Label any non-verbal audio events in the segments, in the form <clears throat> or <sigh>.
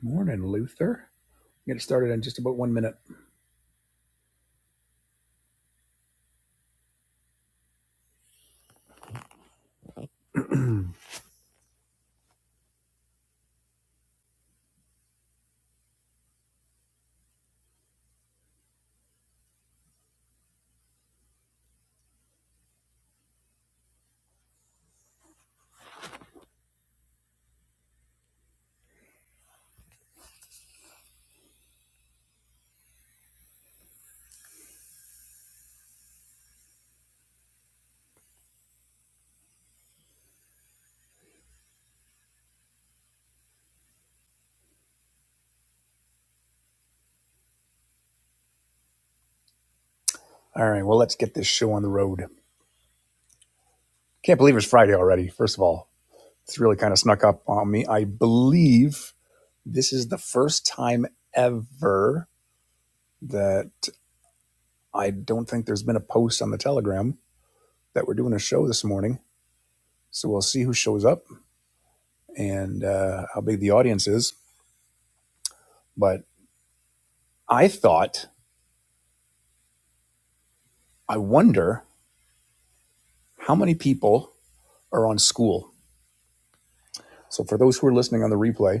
Morning, Luther. Get it started in just about one minute. <clears throat> all right, well, let's get this show on the road. Can't believe it's Friday already, first of all. It's really kind of snuck up on me. I believe this is the first time ever that I don't think there's been a post on the Telegram that we're doing a show this morning. So we'll see who shows up and uh, how big the audience is. But I thought, I wonder how many people are on school. So for those who are listening on the replay,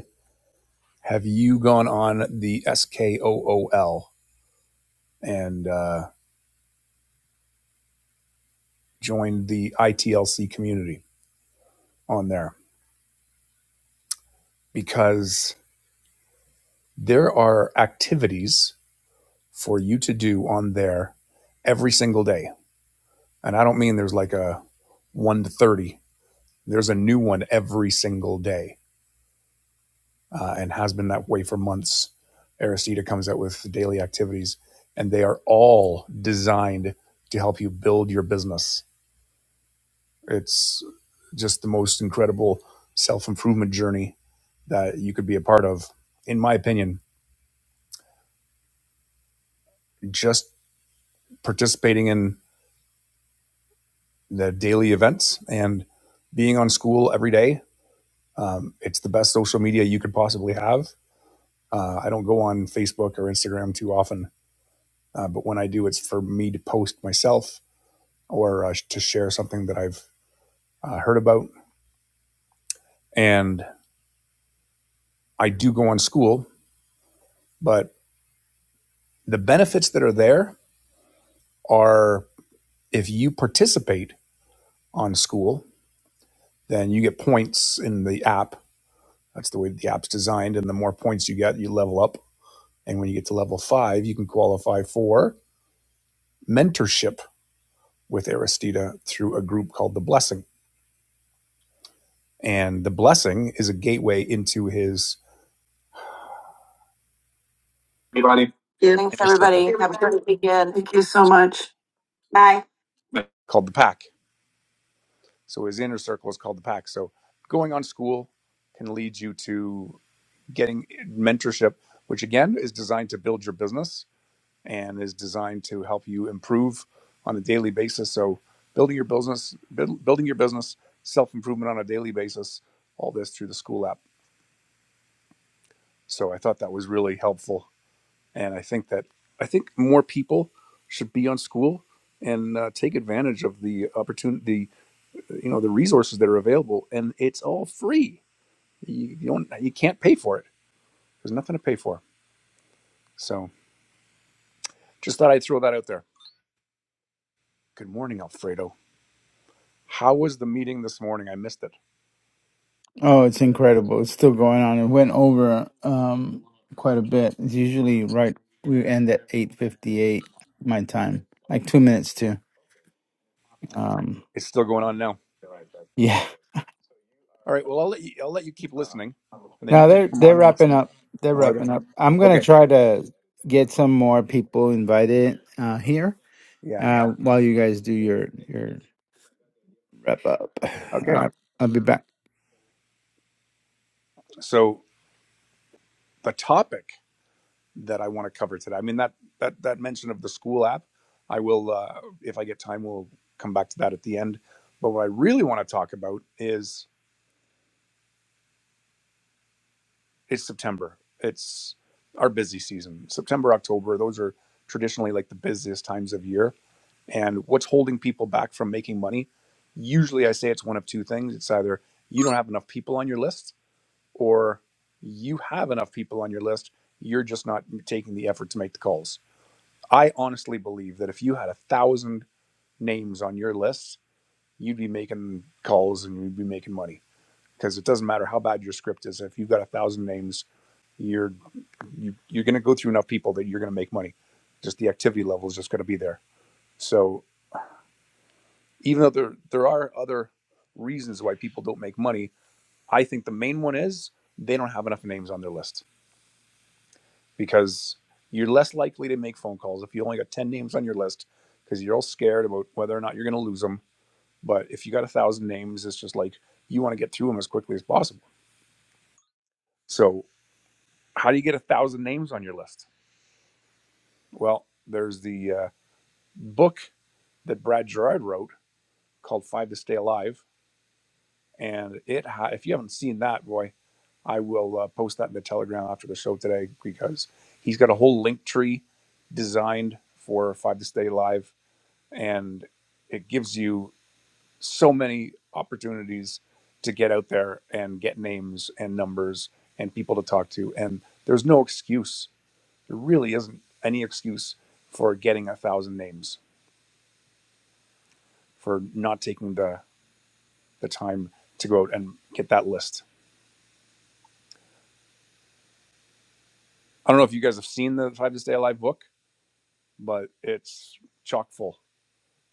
have you gone on the SKOOL and uh, joined the ITLC community on there? Because there are activities for you to do on there every single day. And I don't mean there's like a 1 to 30, there's a new one every single day uh, and has been that way for months. Aristida comes out with daily activities, and they are all designed to help you build your business It's just the most incredible self improvement journey that you could be a part of, in my opinion. Just participating in the daily events and being on school every day. Um, it's the best social media you could possibly have. Uh, I don't go on Facebook or Instagram too often, uh, but when I do, it's for me to post myself or uh, to share something that I've uh, heard about. And I do go on school, but the benefits that are there are If you participate on school, then you get points in the app. That's the way the app's designed. And the more points you get, you level up. And when you get to level five, you can qualify for mentorship with Aristida through a group called The Blessing. And The Blessing is a gateway into his Everybody. Thanks, inner everybody. circle Have a great weekend. Thank you so much. Bye. Bye. called The Pack. So his inner circle is called The Pack. So going on school can lead you to getting mentorship, which again is designed to build your business and is designed to help you improve on a daily basis. So building your business, build, building your business, self improvement on a daily basis, all this through the school app. So I thought that was really helpful, and I think that I think more people should be on school and uh, take advantage of the opportunity, you know, the resources that are available, and it's all free. You, you don't, you can't pay for it. There's nothing to pay for. So just thought I'd throw that out there. Good morning, Alfredo. How was the meeting this morning? I missed it. Oh, it's incredible. It's still going on. It went over um quite a bit. It's usually right we end at eight fifty eight my time. Like two minutes too. Um It's still going on now. yeah. All right. Well, I'll let you. I'll let you keep listening, and then Now you can they're come they're on when it's. wrapping up. They're Oh, are there? wrapping up. I'm gonna Okay. try to get some more people invited uh here. Yeah. Uh while you guys do your your wrap up. <laughs> All Okay. right, I'll be back. So the topic that I want to cover today. I mean that that that mention of the school app. I will, uh, if I get time, we'll come back to that at the end. But what I really want to talk about is it's September. It's our busy season. September, October. Those are traditionally like the busiest times of year and what's holding people back from making money usually i say it's one of two things it's either you don't have enough people on your list or you have enough people on your list you're just not taking the effort to make the calls i honestly believe that if you had a thousand names on your list you'd be making calls and you'd be making money because it doesn't matter how bad your script is if you've got a thousand names you're you, you're going to go through enough people that you're going to make money just the activity level is just going to be there so even though there there are other reasons why people don't make money, I think the main one is they don't have enough names on their list because you're less likely to make phone calls if you only got 10 names on your list because you're all scared about whether or not you're going to lose them. But if you got a thousand names, it's just like you want to get through them as quickly as possible. So, how do you get a thousand names on your list? Well, there's the uh, book that Brad Gerard wrote called Five to Stay Alive. And it, ha- if you haven't seen that, boy, I will uh, post that in the Telegram after the show today because he's got a whole link tree designed for Five to Stay Live, and it gives you so many opportunities to get out there and get names and numbers and people to talk to. And there's no excuse. There really isn't any excuse for getting a thousand names for not taking the the time to go out and get that list. I don't know if you guys have seen the Five to Stay Alive book, but it's chock full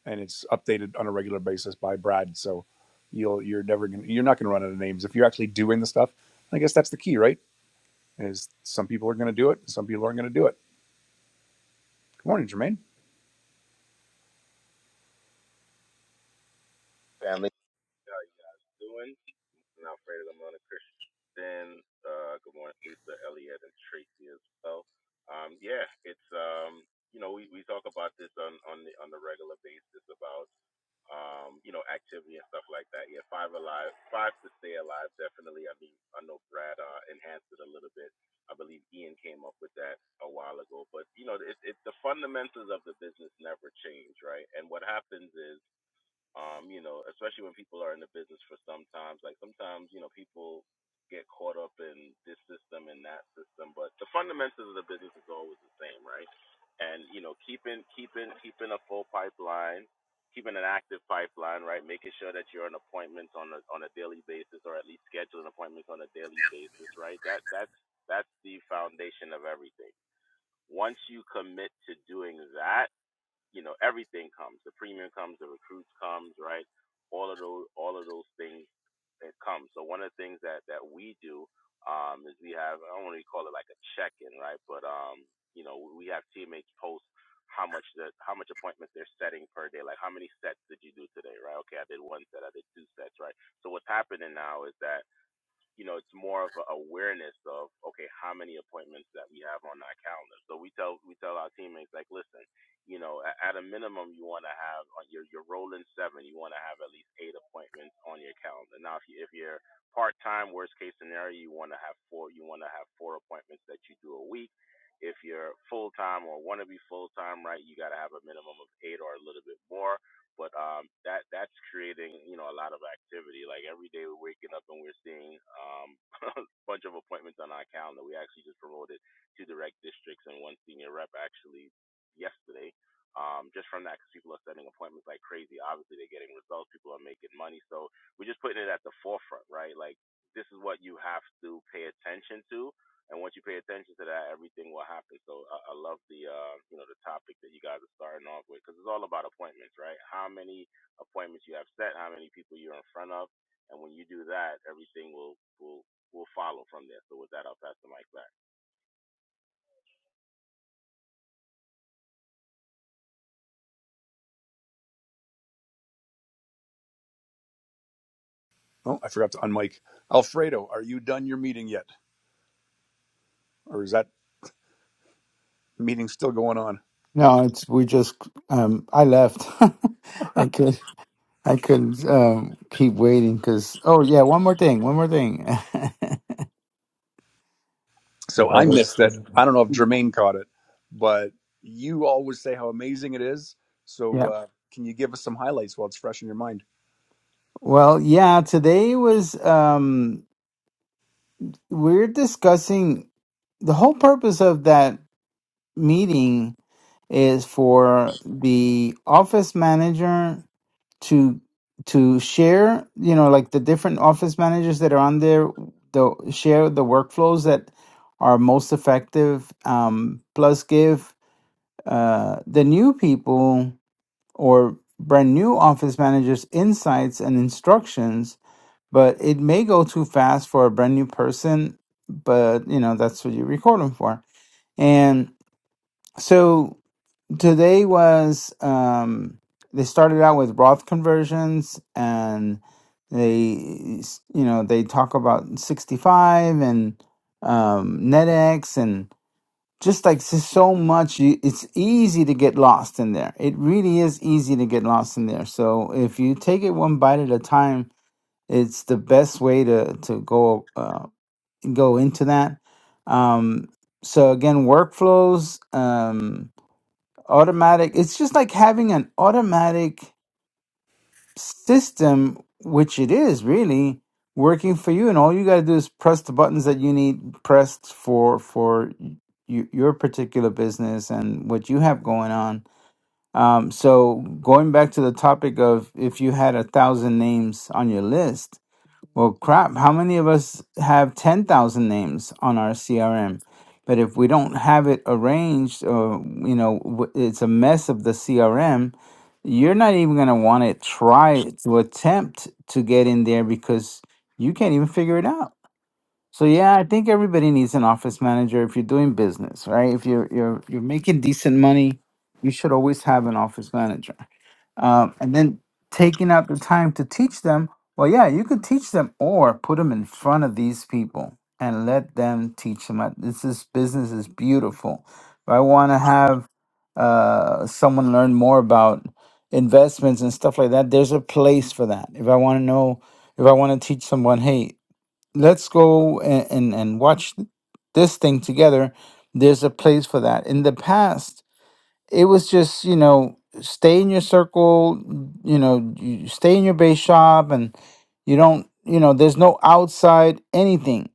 and it's updated on a regular basis by Brad. So you'll you're never gonna you're not gonna run out of names if you're actually doing the stuff. I guess that's the key, right? Is some people are gonna do it, and some people aren't gonna do it. Good morning, Jermaine. Oh, I forgot to unmic. Alfredo, are you done your meeting yet, or is that meeting still going on? No, it's we just um I left. <laughs> I could I couldn't um keep waiting because oh yeah, one more thing, one more thing. <laughs> So I missed it. I don't know if Jermaine caught it, but you always say how amazing it is. So Yeah. uh, can you give us some highlights while it's fresh in your mind? Well, yeah, today was um we're discussing the whole purpose of that meeting is for the office manager to to share you know like the different office managers that are on there the share the workflows that are most effective um, plus give uh, the new people or brand new office managers insights and instructions but it may go too fast for a brand new person but you know that's what you record them for and so Today was um, they started out with Roth conversions and they s- you know they talk about 65 and um, NetX and just like s- so much you, it's easy to get lost in there. It really is easy to get lost in there. So if you take it one bite at a time, it's the best way to to go uh, go into that. Um, so again, workflows. Um, automatic it's just like having an automatic system which it is really working for you and all you got to do is press the buttons that you need pressed for for y- your particular business and what you have going on um, so going back to the topic of if you had a thousand names on your list well, crap, how many of us have 10,000 names on our CRM? But if we don't have it arranged, or, you know, w- it's a mess of the CRM, you're not even going to want to try to attempt to get in there because you can't even figure it out. So yeah, I think everybody needs an office manager if you're doing business, right? If you're you're you're making decent money, you should always have an office manager. Um, and then taking out the time to teach them. Well, yeah, you could teach them or put them in front of these people and let them teach them. Uh, This is business is beautiful. If I want to have uh, someone learn more about investments and stuff like that, there's a place for that. If I want to know, if I want to teach someone, hey, let's go and, and, and watch th- this thing together. There's a place for that. In the past, it was just, you know, stay in your circle, you know, you stay in your base shop and you don't, you know, there's no outside anything.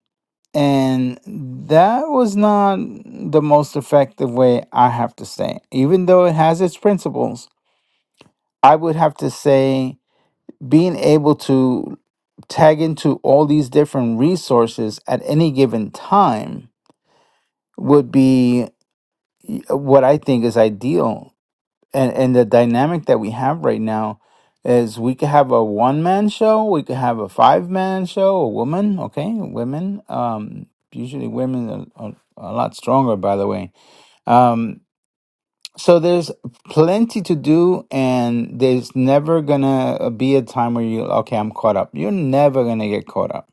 And that was not the most effective way, I have to say. Even though it has its principles, I would have to say being able to tag into all these different resources at any given time would be y- what I think is ideal. And and the dynamic that we have right now is we could have a one man show, we could have a five man show, a woman, okay, women. Um, usually women are, are a lot stronger, by the way. Um, so there's plenty to do, and there's never gonna uh, be a time where you, okay, I'm caught up. You're never gonna get caught up.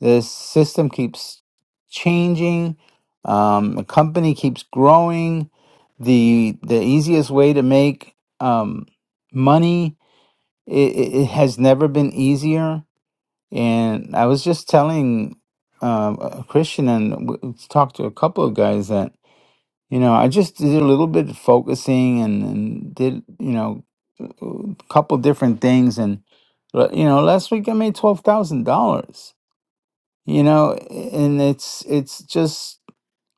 The system keeps changing. Um, the company keeps growing. The the easiest way to make um, money it, it has never been easier. And I was just telling um, a Christian and w- talked to a couple of guys that you know, I just did a little bit of focusing and, and did, you know, a couple different things. And, l- you know, last week I made $12,000, you know, and it's, it's just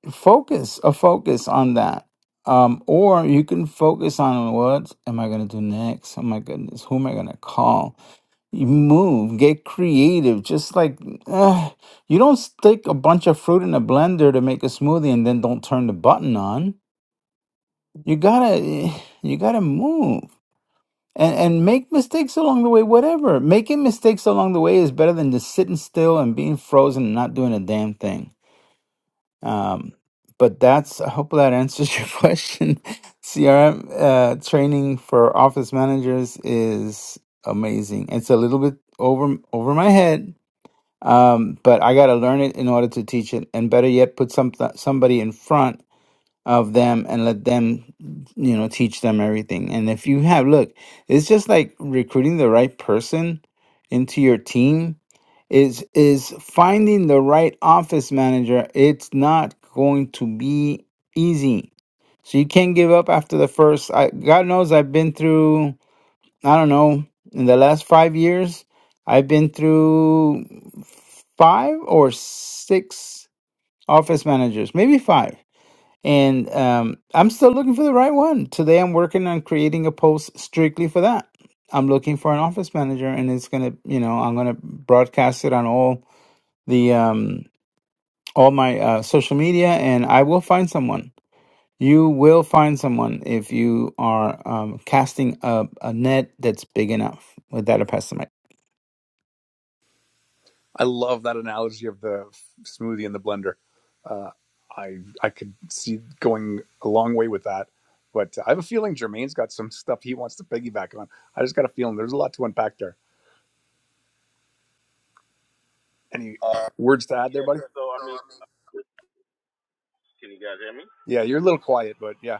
focus, a focus on that. Um, or you can focus on what am I going to do next? Oh my goodness, who am I going to call? You move, get creative. Just like ugh, you don't stick a bunch of fruit in a blender to make a smoothie and then don't turn the button on you gotta you gotta move and and make mistakes along the way, whatever. Making mistakes along the way is better than just sitting still and being frozen and not doing a damn thing. Um, but that's I hope that answers your <laughs> question. CRM uh, training for office managers is amazing. It's a little bit over over my head. Um, but I gotta learn it in order to teach it, and better yet, put some somebody in front of them and let them you know teach them everything and if you have look it's just like recruiting the right person into your team is is finding the right office manager it's not going to be easy so you can't give up after the first I, god knows i've been through i don't know in the last 5 years i've been through 5 or 6 office managers maybe 5 and um, I'm still looking for the right one. Today, I'm working on creating a post strictly for that. I'm looking for an office manager, and it's gonna, you know, I'm gonna broadcast it on all the um, all my uh, social media, and I will find someone. You will find someone if you are um, casting a, a net that's big enough. With that, I pass the mic I love that analogy of the smoothie in the blender. Uh, I I could see going a long way with that, but I have a feeling Jermaine's got some stuff he wants to piggyback on. I just got a feeling there's a lot to unpack there. Any words to add there, buddy? Yeah, you're a little quiet, but yeah.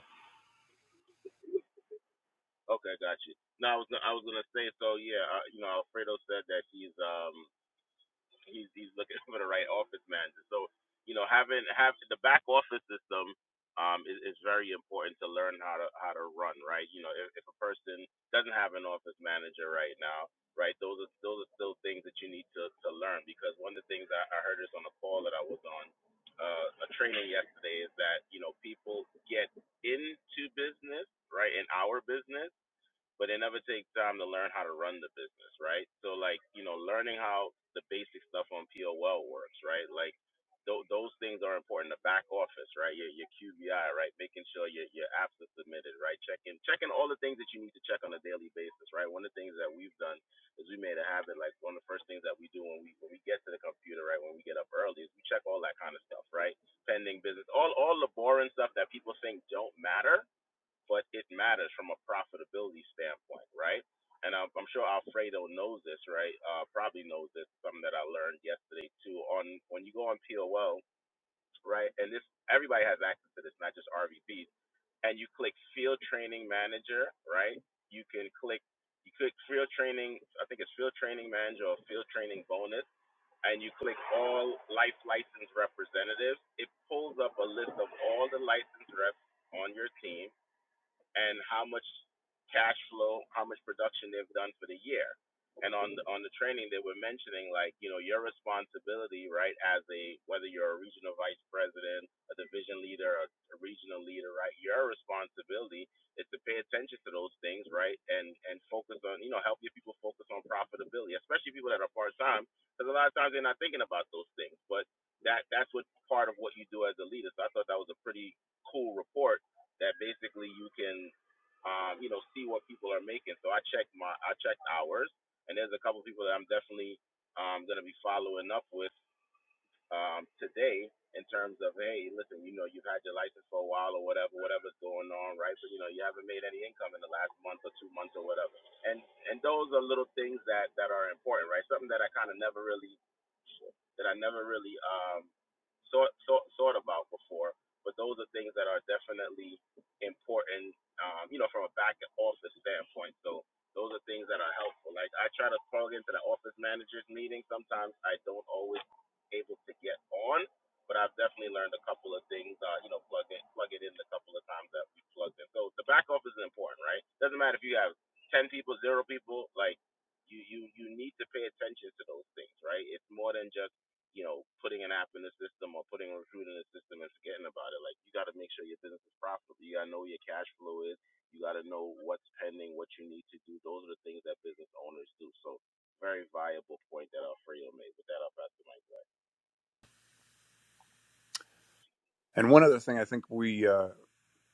And one other thing I think we uh,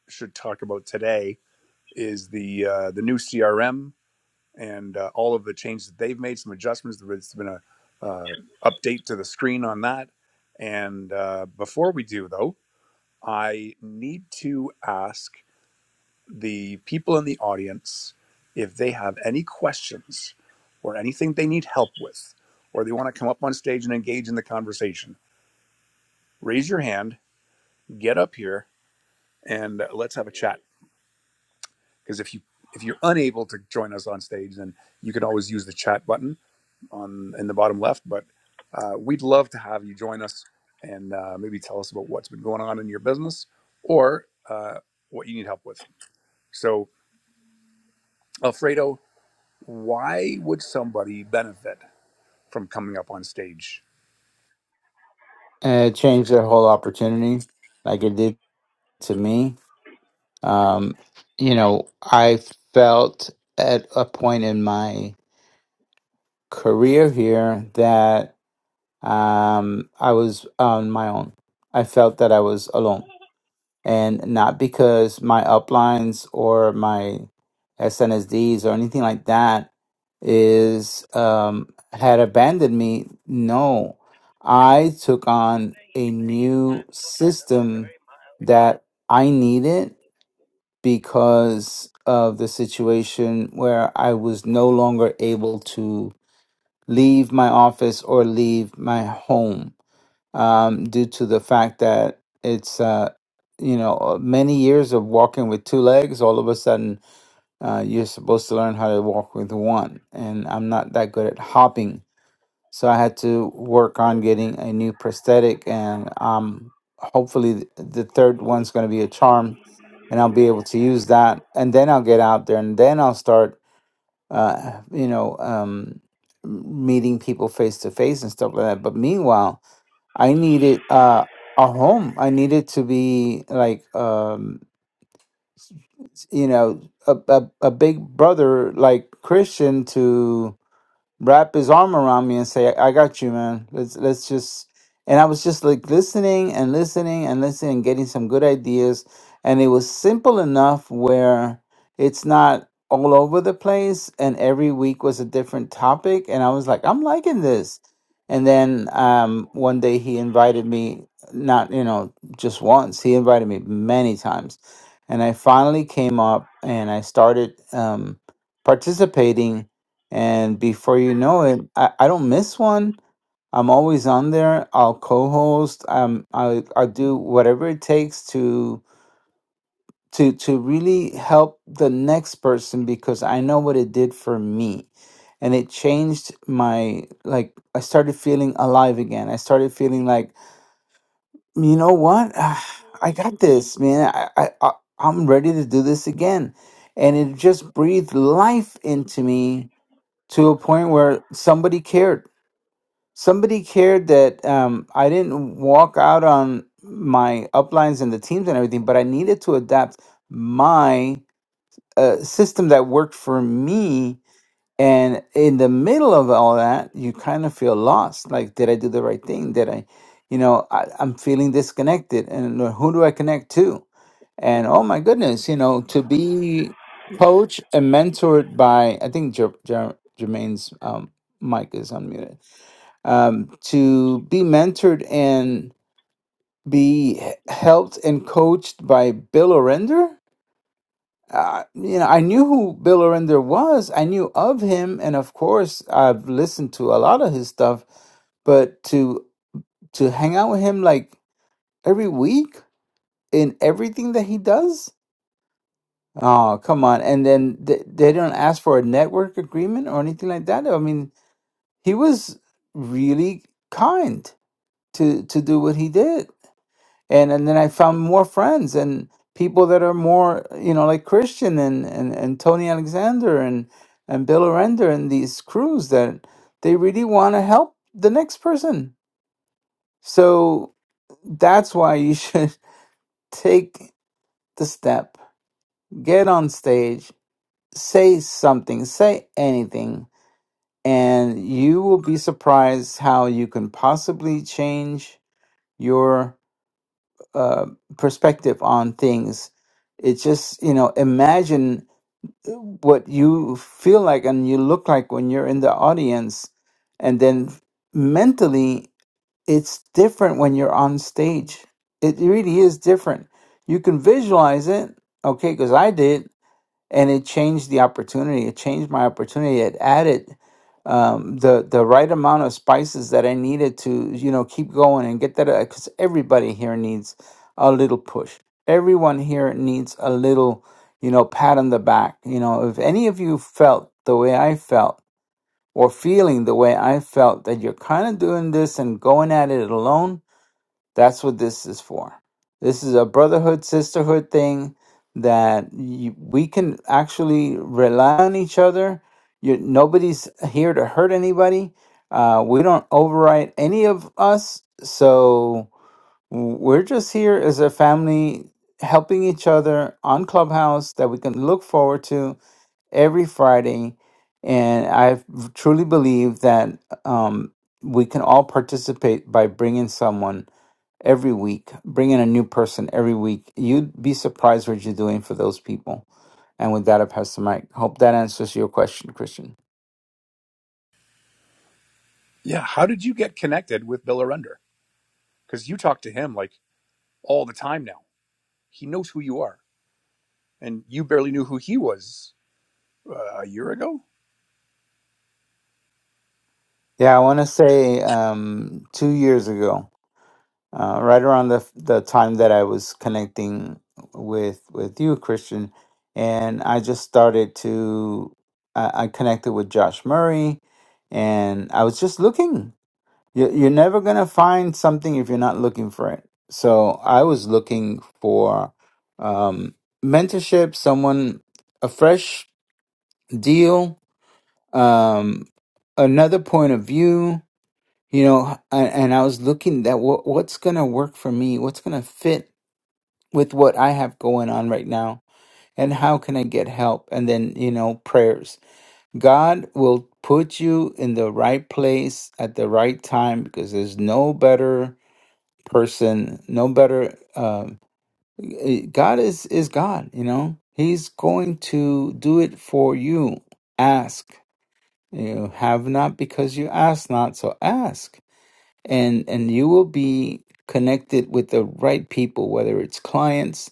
should talk about today is the uh, the new CRM and uh, all of the changes that they've made, some adjustments. There's been a uh, update to the screen on that. And uh, before we do, though, I need to ask the people in the audience if they have any questions or anything they need help with, or they want to come up on stage and engage in the conversation. Raise your hand, get up here, and uh, let's have a chat. Because if you if you're unable to join us on stage, then you can always use the chat button on in the bottom left. But uh, we'd love to have you join us and uh, maybe tell us about what's been going on in your business or uh, what you need help with. So Alfredo, why would somebody benefit from coming up on stage? and it changed their whole opportunity like it did to me um you know i felt at a point in my career here that um i was on my own i felt that i was alone and not because my uplines or my SNSDs or anything like that is um, had abandoned me. No, I took on a new system that I needed because of the situation where I was no longer able to leave my office or leave my home um, due to the fact that it's uh, you know uh, many years of walking with two legs. All of a sudden, uh, you're supposed to learn how to walk with one, and I'm not that good at hopping, so I had to work on getting a new prosthetic, and um, hopefully th- the third one's going to be a charm, and I'll be able to use that, and then I'll get out there, and then I'll start, uh, you know. Um, meeting people face to face and stuff like that but meanwhile I needed uh, a home. I needed to be like, um, you know, a, a, a big brother like Christian to wrap his arm around me and say, "I got you, man. Let's let's just." And I was just like listening and listening and listening, and getting some good ideas. And it was simple enough where it's not all over the place. And every week was a different topic. And I was like, I'm liking this. And then um, one day he invited me, not you know just once. He invited me many times, and I finally came up and I started um, participating and before you know it, I, I don't miss one. I'm always on there. I'll co-host. Um, I I do whatever it takes to to to really help the next person because I know what it did for me, and it changed my like. I started feeling alive again. I started feeling like you know what, <sighs> I got this, man. I I I- I'm ready to do this again, and it just breathed life into me to a point where somebody cared somebody cared that um, I didn't walk out on my uplines and the teams and everything, but I needed to adapt my uh, system that worked for me. And in the middle of all that, you kind of feel lost. Like, did I do the right thing? Did I, you know, I, I'm feeling disconnected. And who do I connect to? And oh my goodness, you know, to be coached and mentored by, I think Jer- Jer- Jermaine's um, mic is unmuted um, to be mentored and be helped and coached by Bill Orender. Uh, you know, I knew who Bill Orender was. I knew of him, and of course, I've listened to a lot of his stuff. But to to hang out with him like every week in everything that he does, oh come on! And then they, they don't ask for a network agreement or anything like that. I mean, he was really kind to to do what he did and and then I found more friends and people that are more you know like Christian and and, and Tony Alexander and and Bill Arender and these crews that they really want to help the next person. So that's why you should <laughs> take the step, get on stage, say something, say anything, and you will be surprised how you can possibly change your uh, perspective on things. It's just you know imagine uh, what you feel like and you look like when you're in the audience, and then mentally it's different when you're on stage. It really is different. You can visualize it, okay? Because I did, and it changed the opportunity. It changed my opportunity. It added um, the the right amount of spices that I needed to, you know, keep going and get that. Because everybody here needs a little push. Everyone here needs a little, you know, pat on the back. You know, if any of you felt the way I felt or feeling the way I felt that you're kind of doing this and going at it alone that's what this is for. This is a brotherhood, sisterhood thing that y we can actually rely on each other. You, nobody's here to hurt anybody. Uh, we don't override any of us. So w- we're just here as a family helping each other on Clubhouse that we can look forward to every Friday. And I truly believe that um, we can all participate by bringing someone every week. Bring in a new person every week. You'd be surprised what you're doing for those people. And with that, I pass the mic. Hope that answers your question, Christian. Yeah, how did you get connected with Bill Arender? Because you talk to him like all the time now. He knows who you are, and you barely knew who he was uh, a year ago. Yeah, I want to say um, two years ago, uh, right around the the time that I was connecting with with you, Christian, and I just started to I, I connected with Josh Murray, and I was just looking. You- You're never gonna find something if you're not looking for it. So I was looking for um, mentorship, someone, a fresh deal, um, another point of view. You know, and, and I was looking at what what's gonna work for me, what's gonna fit with what I have going on right now, and how can I get help? And then you know, prayers. God will put you in the right place at the right time because there's no better person no better um eh, god is is god you know he's going to do it for you ask you have not because you ask not so ask and and you will be connected with the right people whether it's clients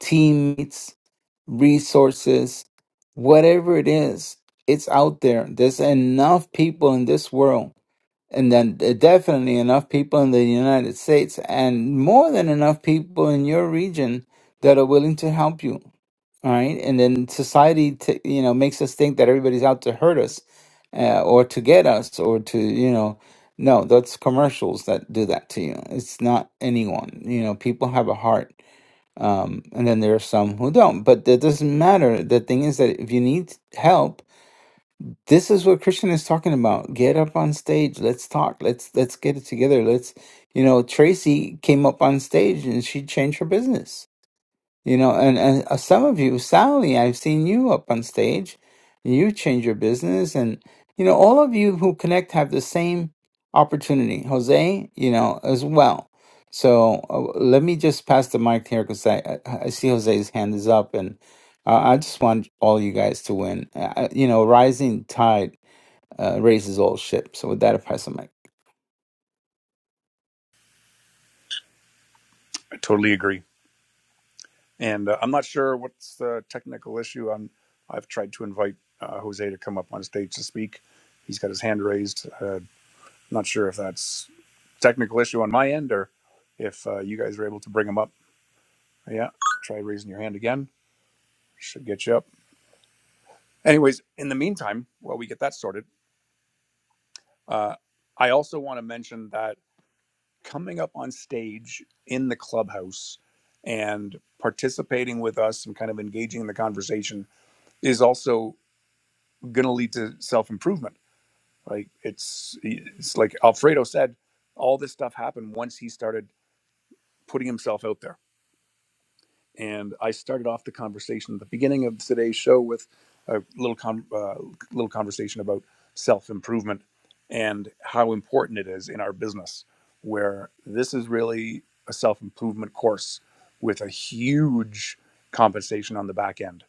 teammates resources whatever it is it's out there there's enough people in this world and then there definitely enough people in the United States and more than enough people in your region that are willing to help you. All right, and then society, t- you know, makes us think that everybody's out to hurt us, uh, or to get us, or to you know, no, that's commercials that do that to you. It's not anyone. You know, people have a heart, um, and then there are some who don't. But that doesn't matter. The thing is that if you need help, this is what Christian is talking about. Get up on stage. Let's talk. Let's let's get it together. Let's you know, Tracy came up on stage and she changed her business. You know, and, and uh, some of you, Sally, I've seen you up on stage. You change your business and you know, all of you who connect have the same opportunity. Jose, you know, as well. So uh, let me just pass the mic here because I, I I see Jose's hand is up and uh, I just want all you guys to win. Uh, you know, rising tide uh, raises all ships. So with that, I pass the mic. I totally agree. And uh, I'm not sure what's the technical issue. I'm, I've tried to invite uh, Jose to come up on stage to speak. He's got his hand raised. Uh, not sure if that's technical issue on my end or if uh, you guys were able to bring him up. Yeah. Try raising your hand again. Should get you up. Anyways, in the meantime, while we get that sorted, uh, I also want to mention that coming up on stage in the clubhouse and participating with us and kind of engaging in the conversation is also going to lead to self improvement. Like it's it's like Alfredo said, all this stuff happened once he started putting himself out there and I started off the conversation at the beginning of today's show with a little con- uh, little conversation about self improvement and how important it is in our business. Where this is really a self improvement course with a huge compensation on the back end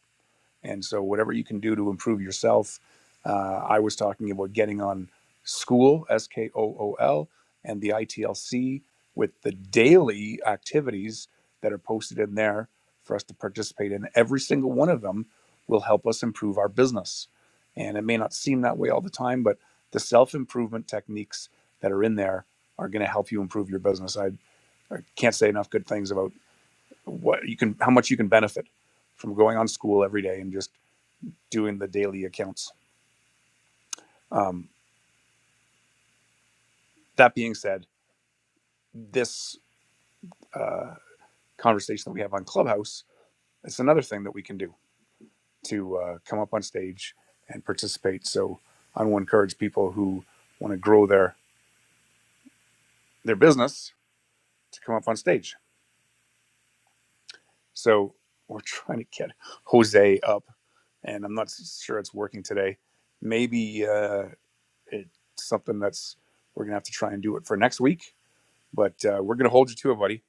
and so, whatever you can do to improve yourself, uh, I was talking about getting on school, S K O O L, and the ITLC with the daily activities that are posted in there for us to participate in. Every single one of them will help us improve our business. And it may not seem that way all the time, but the self improvement techniques that are in there are going to help you improve your business. I, I can't say enough good things about what you can, how much you can benefit from going on school every day and just doing the daily accounts. Um, that being said, this uh, conversation that we have on Clubhouse it's another thing that we can do to uh, come up on stage and participate. So I will encourage people who want to grow their their business to come up on stage. So we're <laughs> trying to get Jose up, and I'm not sure it's working today. Maybe uh, it's something that's we're gonna have to try and do it for next week. But uh, we're gonna hold you to it, buddy.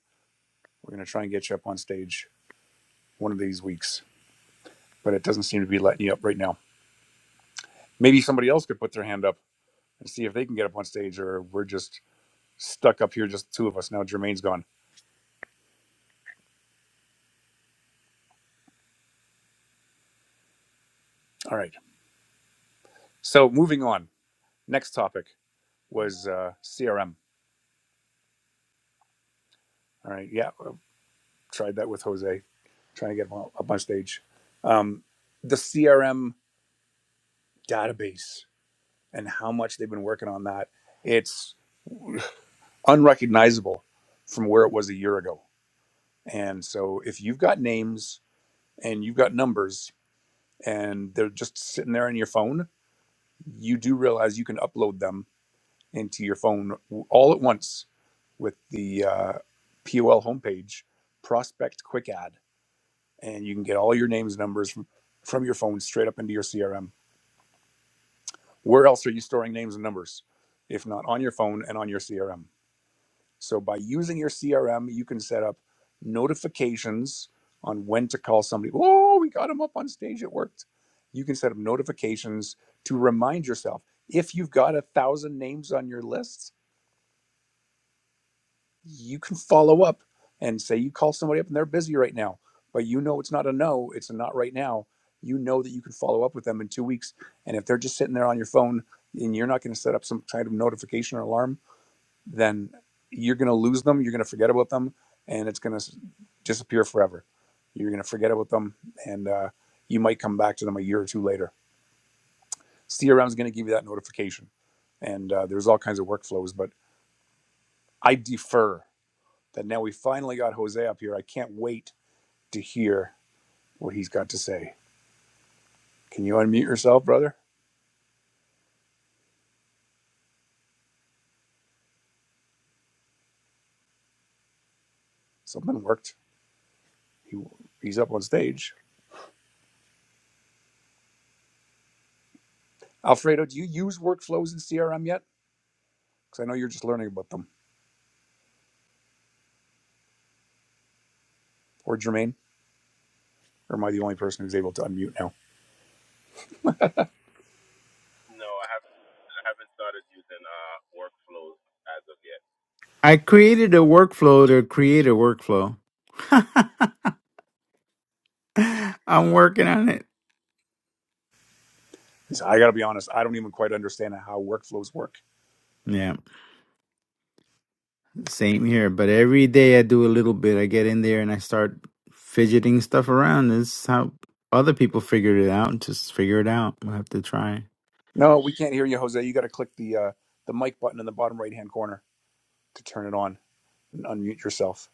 We're gonna try and get you up on stage one of these weeks, but it doesn't seem to be letting you up right now. Maybe somebody else could put their hand up and see if they can get up on stage, or we're just stuck up here, just two of us. Now Jermaine's gone. All right. So moving on. Next topic was uh, CRM. All right. Yeah. I Tried that with Jose, trying to get him up on stage. Um, the CRM database and how much they've been working on that. It's unrecognizable from where it was a year ago. And so if you've got names and you've got numbers and they're just sitting there on your phone, you do realize you can upload them into your phone all at once with the uh, POL homepage, Prospect Quick Add, and you can get all your names and numbers from, from your phone straight up into your CRM. Where else are you storing names and numbers if not on your phone and on your CRM? So by using your CRM, you can set up notifications on when to call somebody. Oh, we got him up on stage. It worked. You can set up notifications to remind yourself. If you've got a thousand names on your list, you can follow up and say you call somebody up and they're busy right now, but you know it's not a no, it's a not right now. You know that you can follow up with them in two weeks. And if they're just sitting there on your phone and you're not going to set up some kind of notification or alarm, then you're going to lose them. You're going to forget about them, and it's going to disappear forever. You're going to forget about them, and uh, you might come back to them a year or two later. CRM is going to give you that notification, and uh, there's all kinds of workflows. But I defer that now we finally got Jose up here. I can't wait to hear what he's got to say. Can you unmute yourself, brother? Something worked. He, he's up on stage. Alfredo, do you use workflows in CRM yet? Because I know you're just learning about them. Or Jermaine? Or am I the only person who's able to unmute now? I created a workflow to create a workflow. <laughs> I'm working on it. I got to be honest, I don't even quite understand how workflows work. Yeah, same here. But every day I do a little bit. I get in there and I start fidgeting stuff around. This is how other people figured it out. Just figure it out. We'll have to try. No, we can't hear you, Jose. You got to click the uh, the mic button in the bottom right hand corner to turn it on and unmute yourself.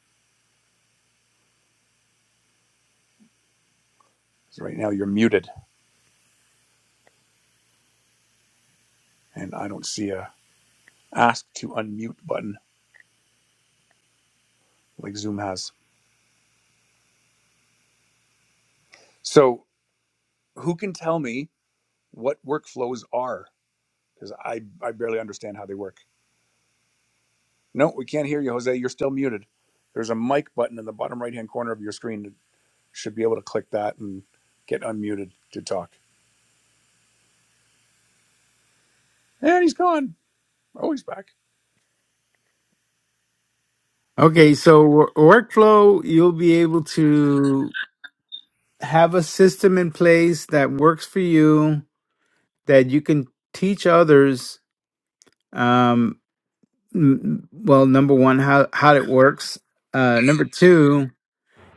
'Cause right now you're muted, and I don't see a ask to unmute button like Zoom has. So who can tell me what workflows are? Because I I barely understand how they work. No, we can't hear you, Jose. You're still muted. There's a mic button in the bottom right hand corner of your screen. should be able to click that and get unmuted to talk. And he's gone. Oh, he's back. Okay, so wor- workflow, you'll be able to have a system in place that works for you that you can teach others. Um, m- well number one how how it works uh number two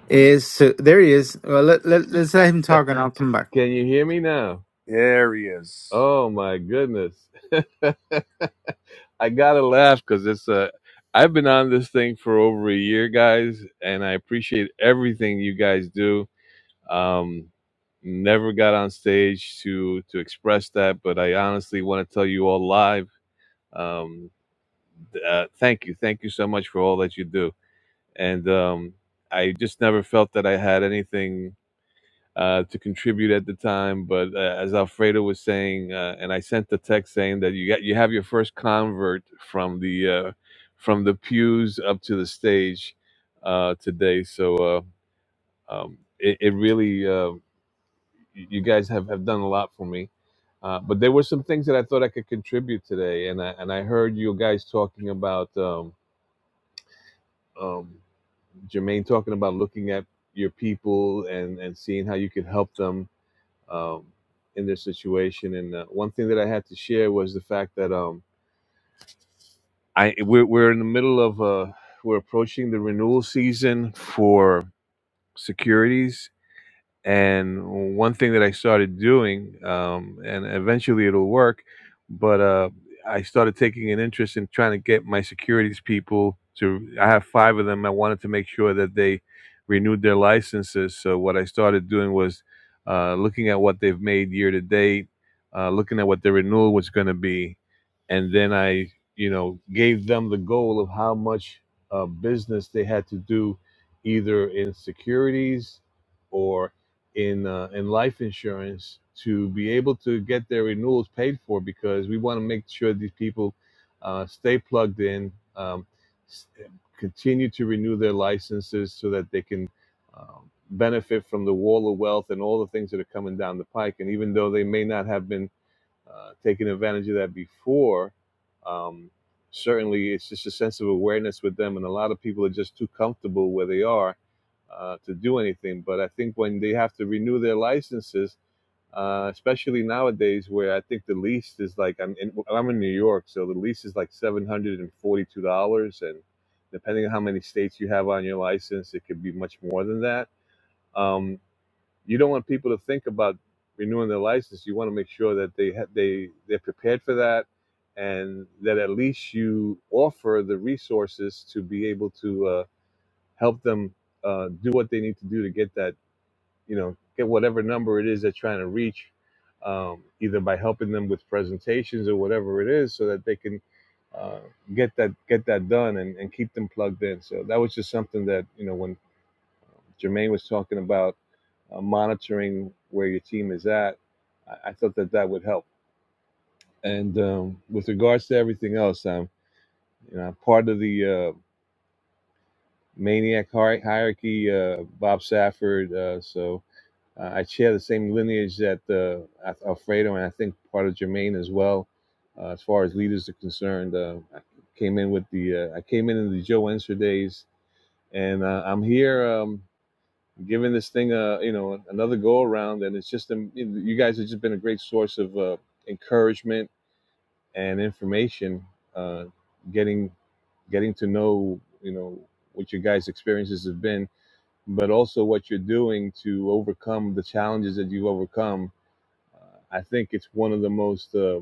is so there he is well let, let, <laughs> let's let him Can talk and i'll come back you hear me now? There he is. Oh my goodness. <laughs> I gotta laugh because it's a. I've been on this thing for over a year, guys, and I appreciate everything you guys do. Um, never got on stage to to express that, but I honestly want to tell you all live. Um, uh, thank you, thank you so much for all that you do. And um, I just never felt that I had anything uh, to contribute at the time. But uh, as Alfredo was saying, uh, and I sent the text saying that you got you have your first convert from the uh, from the pews up to the stage uh, today. So uh, um, it, it really uh, you guys have, have done a lot for me. Uh, but there were some things that I thought I could contribute today, and I and I heard you guys talking about um, um, Jermaine talking about looking at your people and and seeing how you could help them um, in their situation. And uh, one thing that I had to share was the fact that um, I we're, we're in the middle of uh, we're approaching the renewal season for securities and one thing that I started doing, um, and eventually it'll work, but uh, I started taking an interest in trying to get my securities people to. I have five of them. I wanted to make sure that they renewed their licenses. So what I started doing was uh, looking at what they've made year to date, uh, looking at what their renewal was going to be, and then I, you know, gave them the goal of how much uh, business they had to do, either in securities or in uh, in life insurance to be able to get their renewals paid for because we want to make sure these people uh, stay plugged in, um, continue to renew their licenses so that they can um, benefit from the wall of wealth and all the things that are coming down the pike. And even though they may not have been uh, taking advantage of that before, um, certainly it's just a sense of awareness with them. And a lot of people are just too comfortable where they are uh, to do anything. But I think when they have to renew their licenses, uh, especially nowadays, where I think the lease is like I'm in, well, I'm in New York, so the lease is like seven hundred and forty-two dollars, and depending on how many states you have on your license, it could be much more than that. Um, you don't want people to think about renewing their license. You want to make sure that they ha- they they're prepared for that, and that at least you offer the resources to be able to uh, help them uh, do what they need to do to get that you know get whatever number it is they're trying to reach um, either by helping them with presentations or whatever it is so that they can uh, get that get that done and, and keep them plugged in so that was just something that you know when Jermaine was talking about uh, monitoring where your team is at I, I thought that that would help and um, with regards to everything else I'm you know I'm part of the uh, maniac hierarchy uh, Bob Safford uh, so Uh, I share the same lineage that uh, Alfredo and I think part of Jermaine as well, uh, as far as leaders are concerned. Uh, I came in with the uh, I came in in the Joe Enser days, and uh, I'm here um, giving this thing a you know another go around, and it's just um, you you guys have just been a great source of uh, encouragement and information, uh, getting getting to know you know what your guys' experiences have been, but also what you're doing to overcome the challenges that you've overcome uh, I think it's one of the most uh,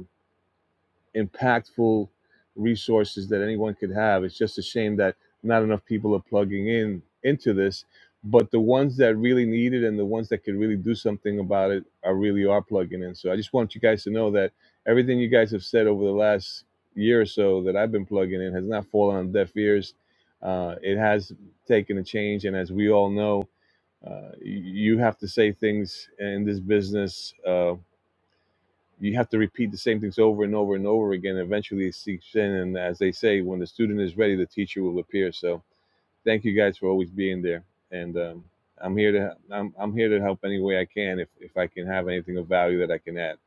impactful resources that anyone could have. It's just a shame that not enough people are plugging in into this, but the ones that really need it and the ones that could really do something about it are really are plugging in. So I just want you guys to know that everything you guys have said over the last year or so that I've been plugging in has not fallen on deaf ears. Uh, it has taken a change, and as we all know, uh, y- you have to say things in this business. Uh, you have to repeat the same things over and over and over again. Eventually, it seeps in. And as they say, when the student is ready, the teacher will appear. So thank you guys for always being there. And um, I'm here to I'm, I'm here to help any way I can if, if I can have anything of value that I can add.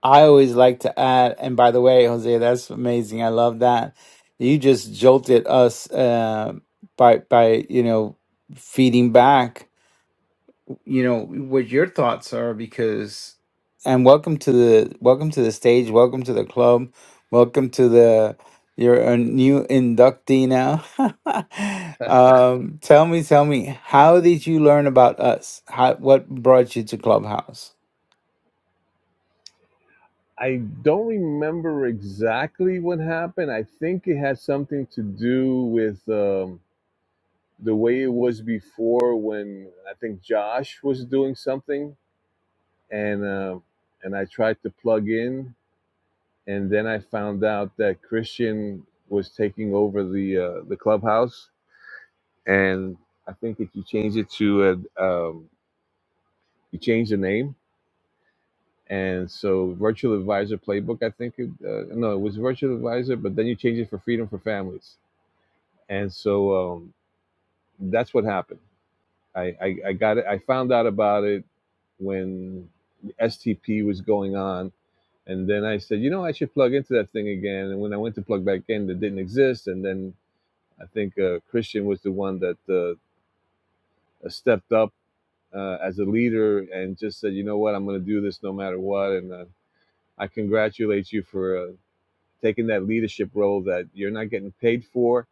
I always like to add, and by the way, Jose, that's amazing. I love that you just jolted us uh, by by you know feeding back you know what your thoughts are because and welcome to the welcome to the stage welcome to the club welcome to the you're a new inductee now <laughs> um tell me tell me how did you learn about us how what brought you to clubhouse I don't remember exactly what happened. I think it had something to do with um, the way it was before when I think Josh was doing something and uh, and I tried to plug in and then I found out that Christian was taking over the uh, the clubhouse, and I think that you changed it to a, um, you changed the name, and so Virtual Advisor Playbook. I think it, uh, no, it was Virtual Advisor, but then you changed it for Freedom for Families, and so um, that's what happened. I, I I got it. I found out about it when STP was going on. And then I said, you know, I should plug into that thing again. And when I went to plug back in, it didn't exist. And then I think uh, Christian was the one that uh, uh, stepped up uh, as a leader and just said, you know what, I'm going to do this no matter what. And uh, I congratulate you for uh, taking that leadership role that you're not getting paid for,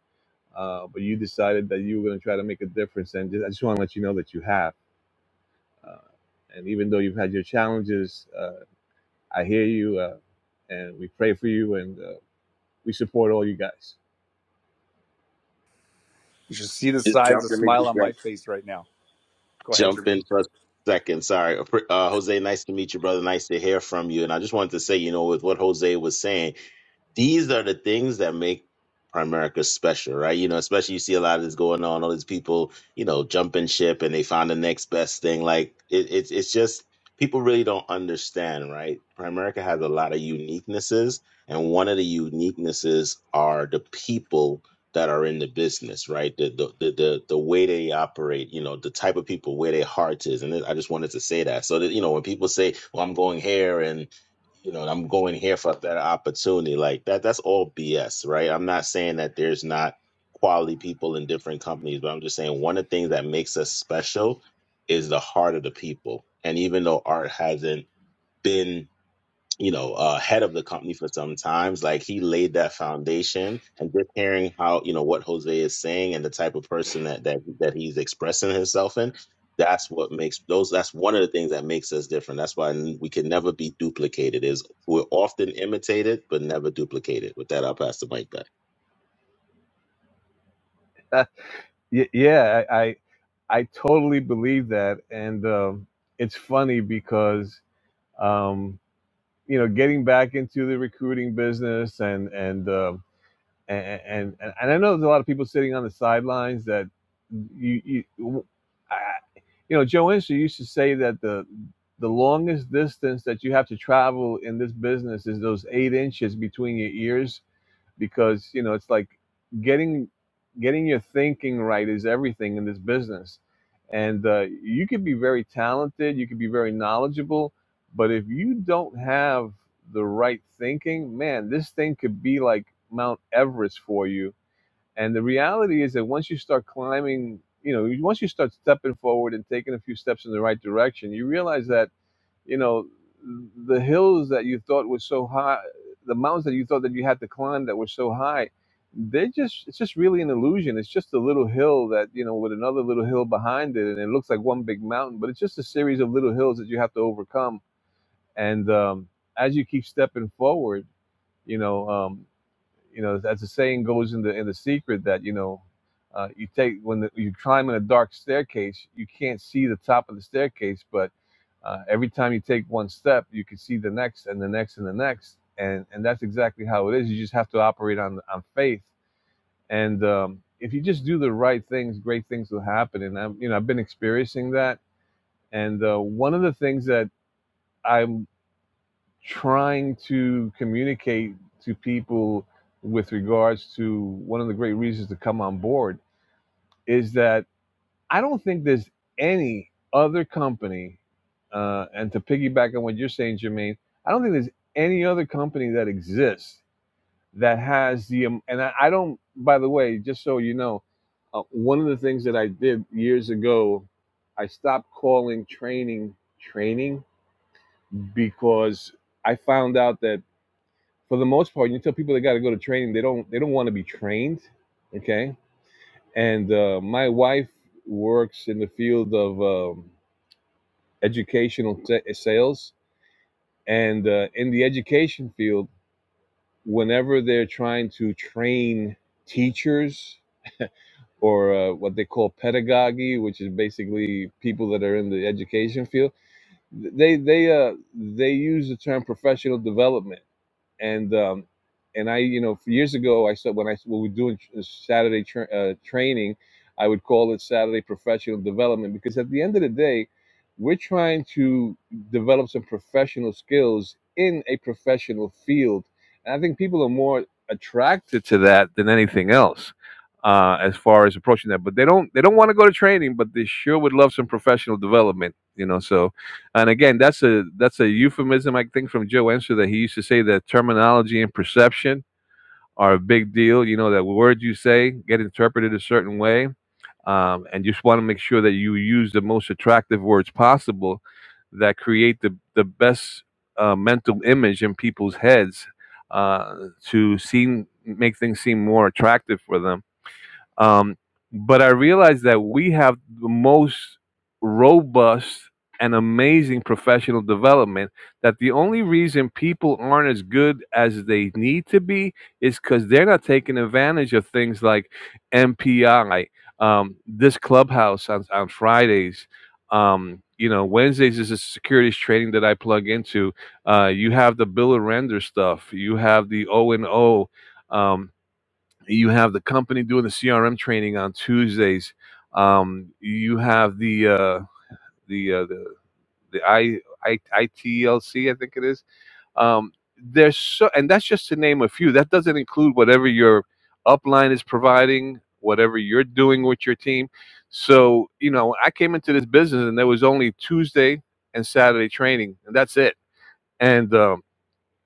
uh, but you decided that you were going to try to make a difference. And just, I just want to let you know that you have. Uh, and even though you've had your challenges, uh, I hear you uh, and we pray for you and uh, we support all you guys. You should see the size of the smile on my face right now. Go ahead, Jermaine. first second. Sorry, uh, nice to hear from you. And I have to say, you know, with what Jose was saying, these are the things that make Primerica special, right? You know, especially you see a lot of down. All these people, you know, jumping ship and they find the next best thing. Like it, it's it's just people really don't understand, right? Primerica has a lot of uniquenesses, and one of the uniquenesses are the people that are in the business, right? The the the the, the way they operate, you know, the type of people where their heart is, and I just wanted to say that. So that you know, when people say, "Well, I'm going here," and you know, I'm going here for that opportunity. Like that, that's all BS, right? I'm not saying that there's not quality people in different companies, but I'm just saying one of the things that makes us special is the heart of the people. And even though Art hasn't been, you know, uh, head of the company for some times, like he laid that foundation. And just hearing how, you know, what Jose is saying and the type of person that that that he's expressing himself in, that's what makes those. That's one of the things that makes us different. That's why we can never be duplicated. Is we're often imitated but never duplicated. With that, I'll pass the mic back. <laughs> Y- yeah, I, I I totally believe that, and um, it's funny because um, you know getting back into the recruiting business and and, um, and and and and I know there's a lot of people sitting on the sidelines that you you w- I- you know Joe Inslee used to say that the the longest distance that you have to travel in this business is those eight inches between your ears because you know it's like getting getting your thinking right is everything in this business and uh, you could be very talented you could be very knowledgeable but if you don't have the right thinking man this thing could be like mount everest for you and the reality is that once you start climbing you know once you start stepping forward and taking a few steps in the right direction you realize that you know the hills that you thought were so high the mountains that you thought that you had to climb that were so high they're just it's just really an illusion it's just a little hill that you know with another little hill behind it and it looks like one big mountain but it's just a series of little hills that you have to overcome and um, as you keep stepping forward you know, um, you know, as the saying goes in the in the secret that you know, uh, you take when the, you climb in a dark staircase, you can't see the top of the staircase, but uh, every time you take one step, you can see the next and the next and the next, and and that's exactly how it is. You just have to operate on on faith, and um, if you just do the right things, great things will happen. And I'm you know I've been experiencing that, and uh, one of the things that I'm trying to communicate to people with regards to one of the great reasons to come on board is that I don't think there's any other company, uh, and to piggyback on what you're saying, Jermaine, I don't think there's any other company that exists that has the, um, and I, I don't, by the way, just so you know, uh, one of the things that I did years ago, I stopped calling training training because I found out that for the most part, you tell people they got to go to training, they don't, they don't want to be trained. Okay. And uh, my wife works in the field of, um, educational t- sales. And uh, in the education field, whenever they're trying to train teachers or uh, what they call pedagogy, which is basically people that are in the education field, they they uh, they use the term professional development and um, and I, you know, years ago, I said when I when we were doing Saturday tra- uh, training, I would call it Saturday professional development because at the end of the day, we're trying to develop some professional skills in a professional field, and I think people are more attracted to that than anything else. Uh, as far as approaching that, but they don't they don't want to go to training, but they sure would love some professional development, you know. So and again that's a that's a euphemism i think from joe enser that he used to say that terminology and perception are a big deal you know that words you say get interpreted a certain way um, and you just want to make sure that you use the most attractive words possible that create the, the best uh, mental image in people's heads uh, to seem make things seem more attractive for them um, but I realized that we have the most robust and amazing professional development. That the only reason people aren't as good as they need to be is because they're not taking advantage of things like MPI, um, this clubhouse on, on Fridays. Um, you know, Wednesdays is a securities training that I plug into. Uh, you have the Bill and Render stuff. You have the O and O Um, you have the company doing the CRM training on Tuesdays. Um, you have the uh, the, uh, the the I, I ITLC, I think it is. Um, there's so, and that's just to name a few. That doesn't include whatever your upline is providing, whatever you're doing with your team. So you know, I came into this business and there was only Tuesday and Saturday training, and that's it. And um,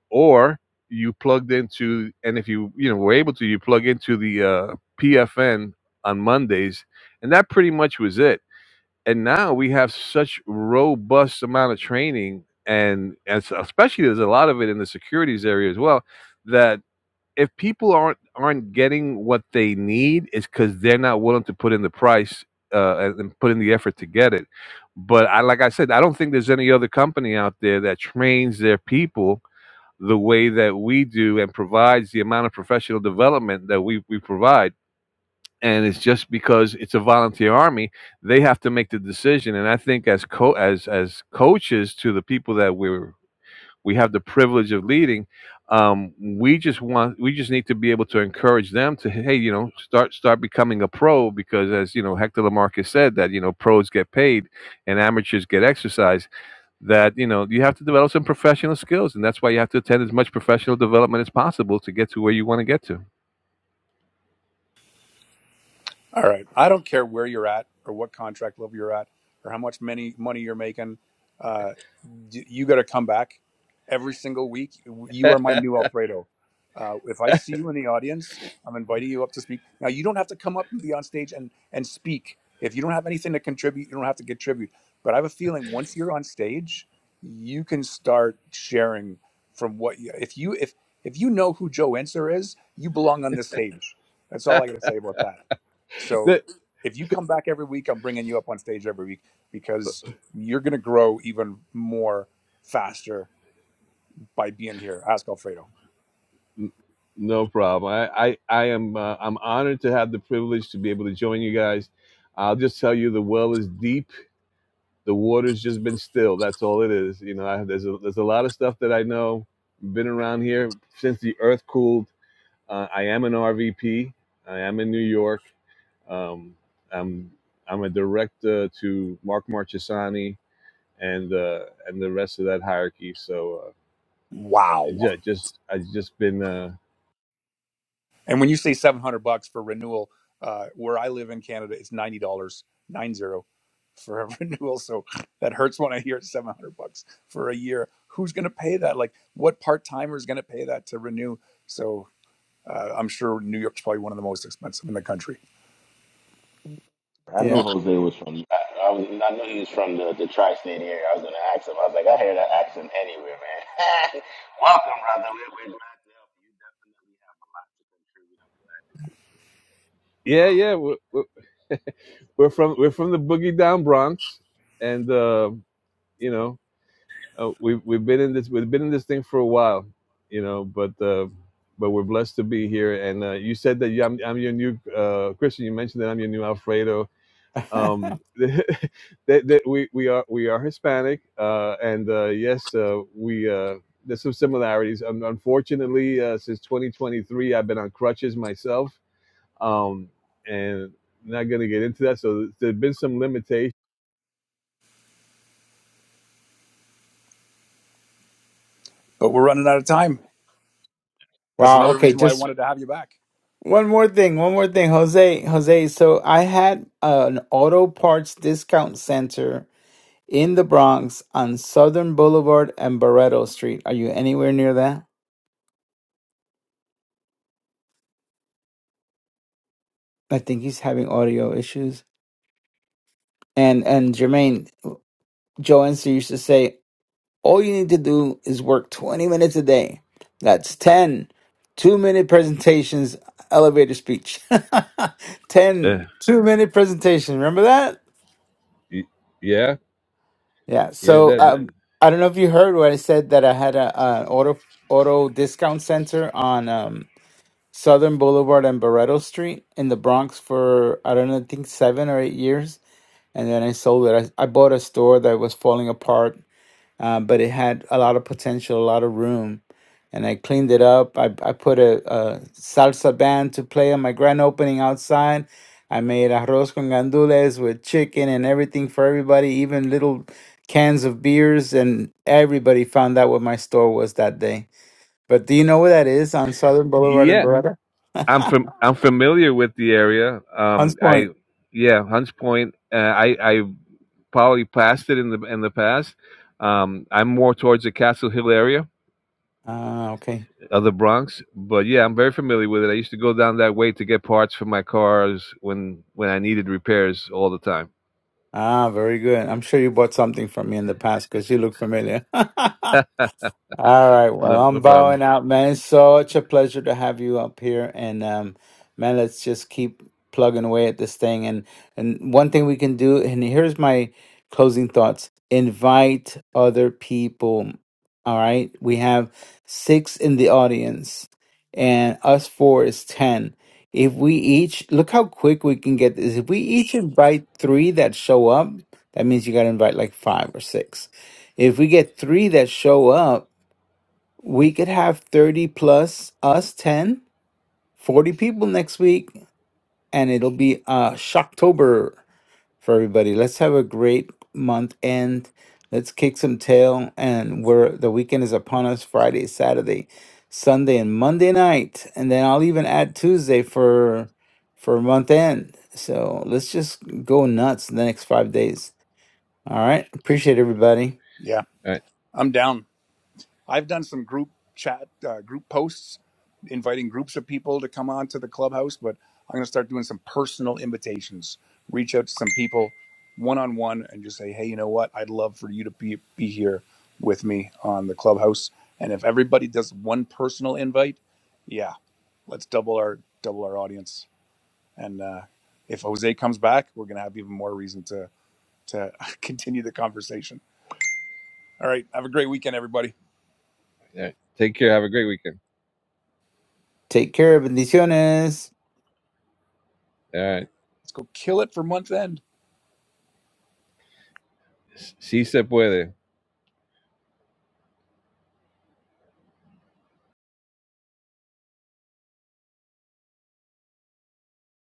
or you plugged into and if you you know were able to you plug into the uh, pfn on mondays and that pretty much was it and now we have such robust amount of training and, and so- especially there's a lot of it in the securities area as well that if people aren't aren't getting what they need it's because they're not willing to put in the price uh, and and put in the effort to get it but I, like i said i don't think there's any other company out there that trains their people the way that we do and provides the amount of professional development that we, we provide. And it's just because it's a volunteer army, they have to make the decision. And I think as co- as as coaches to the people that we're we have the privilege of leading, um, we just want we just need to be able to encourage them to hey you know start start becoming a pro because as you know Hector Lamarcus said that you know pros get paid and amateurs get exercise that you know you have to develop some professional skills and that's why you have to attend as much professional development as possible to get to where you want to get to All right. I don't care where you're at or what contract level you're at or how much many money you're making. Uh, you got to come back every single week. You are my new Alfredo. Uh, if I see you in the audience, I'm inviting you up to speak. Now you don't have to come up and be on stage and and speak. If you don't have anything to contribute, you don't have to contribute. But I have a feeling once you're on stage, you can start sharing from what you, if you if if you know who Joe Enser is, you belong on this stage. That's all <laughs> I got to say about that. So That- if you come back every week, I'm bringing you up on stage every week because you're going to grow even more faster by being here. Ask Alfredo. no problem. I, I, I am uh, I'm honored to have the privilege to be able to join you guys. I'll just tell you the well is deep. The water's just been still. That's all it is. You know, I, there's a, there's a lot of stuff that I know. Been around here since the earth cooled. Uh, I am an RVP. I am in New York. Um, I'm I'm a director to Mark Marchesani and uh, and the rest of that hierarchy. So uh, Wow. yeah, just I've just been uh, And when you say 700 bucks for renewal, uh, where I live in Canada, it's $90, nine zero for a <laughs> renewal. So that hurts when I hear it's 700 bucks for a year. Who's going to pay that? Like, what part timer is going to pay that to renew? So uh, I'm sure New York's probably one of the most expensive in the country, yeah I, I was I knew he was from the, the tri-state area. I was gonna ask him. I was like, I hear that accent anywhere, man. <laughs> Welcome, brother. We're, we're glad to help you. You Definitely have to contribute. yeah yeah we're, we're <laughs> we're from we're from the boogie down Bronx, and uh, you know uh, we've we've been in this we've been in this thing for a while, you know, but. Uh, but we're blessed to be here, and uh, you said that you, I'm, I'm your new uh, Christian. You mentioned that I'm your new Alfredo, <laughs> um, <laughs> that, that we, we are we are Hispanic, uh, and uh, yes, uh, we uh, there's some similarities. Un unfortunately, uh, since 2023, I've been on crutches myself, um, and not going to get into that. So there's been some limitations. but we're running out of time. That's wow another okay reason why I just wanted to have you back. one more thing one more thing jose jose so i had an auto parts discount center in the Bronx on Southern Boulevard and Barreto Street. Are you anywhere near that? I think he's having audio issues. And and Jermaine, Joe Enser used to say, all you need to do is work 20 minutes a day. That's 10 minute presentations, elevator speech. <laughs> 10 Uh, minute presentation. Remember that? y- yeah, Yeah. yeah, So that, um, that I don't know if you heard what I said that I had a, an auto auto discount center on. Um, Southern Boulevard and Barretto Street in the Bronx for I don't know, I think seven or eight years, and then I sold it. I, I bought a store that was falling apart, uh, but it had a lot of potential, a lot of room, and I cleaned it up. I I put a, a salsa band to play on my grand opening outside. I made arroz con gandules with chicken and everything for everybody, even little cans of beers, and everybody found out what my store was that day. But do you know where that is on Southern Boulevard and yeah. Barretto? <laughs> I'm from I'm familiar with the area. Hans Um, I Point. yeah, Hunts Point. Uh, I I probably passed it in the in the past. Um, I'm more towards the Castle Hill area Ah, okay. of the Bronx. But yeah, I'm very familiar with it. I used to go down that way to get parts for my cars when when I needed repairs all the time. Ah, very good. I'm sure you bought something from me in the past because you look familiar. <laughs> All right. Well, No, I'm no bowing problem. out, man. It's such a pleasure to have you up here. And um, man, let's just keep plugging away at this thing. And and one thing we can do, and here's my closing thoughts. Invite other people. All right. We have six in the audience, and us four is ten. If we each look how quick we can get this. If we each invite three that show up, that means you gotta invite like five or six. If we get three that show up, we could have 30 plus us 10 40 people next week and it'll be uh shocktober for everybody let's have a great month end let's kick some tail and we're the weekend is upon us friday saturday sunday and monday night and then i'll even add tuesday for for month end so let's just go nuts the next five days all right. Appreciate everybody. Yeah, All right, I'm down. I've done some group chat, uh, group posts, inviting groups of people to come on to the clubhouse, but I'm going to start doing some personal invitations. Reach out to some people one on one and just say, hey, you know what? I'd love for you to be, be here with me on the clubhouse. And if everybody does one personal invite, yeah, let's double our double our audience. And uh, if Jose comes back, we're going to have even more reason to to <laughs> continue the conversation. All right, have a great weekend, everybody. all right. Take care. Have a great weekend. Take care. Bendiciones. All right. Let's go kill it for month end. Si se puede.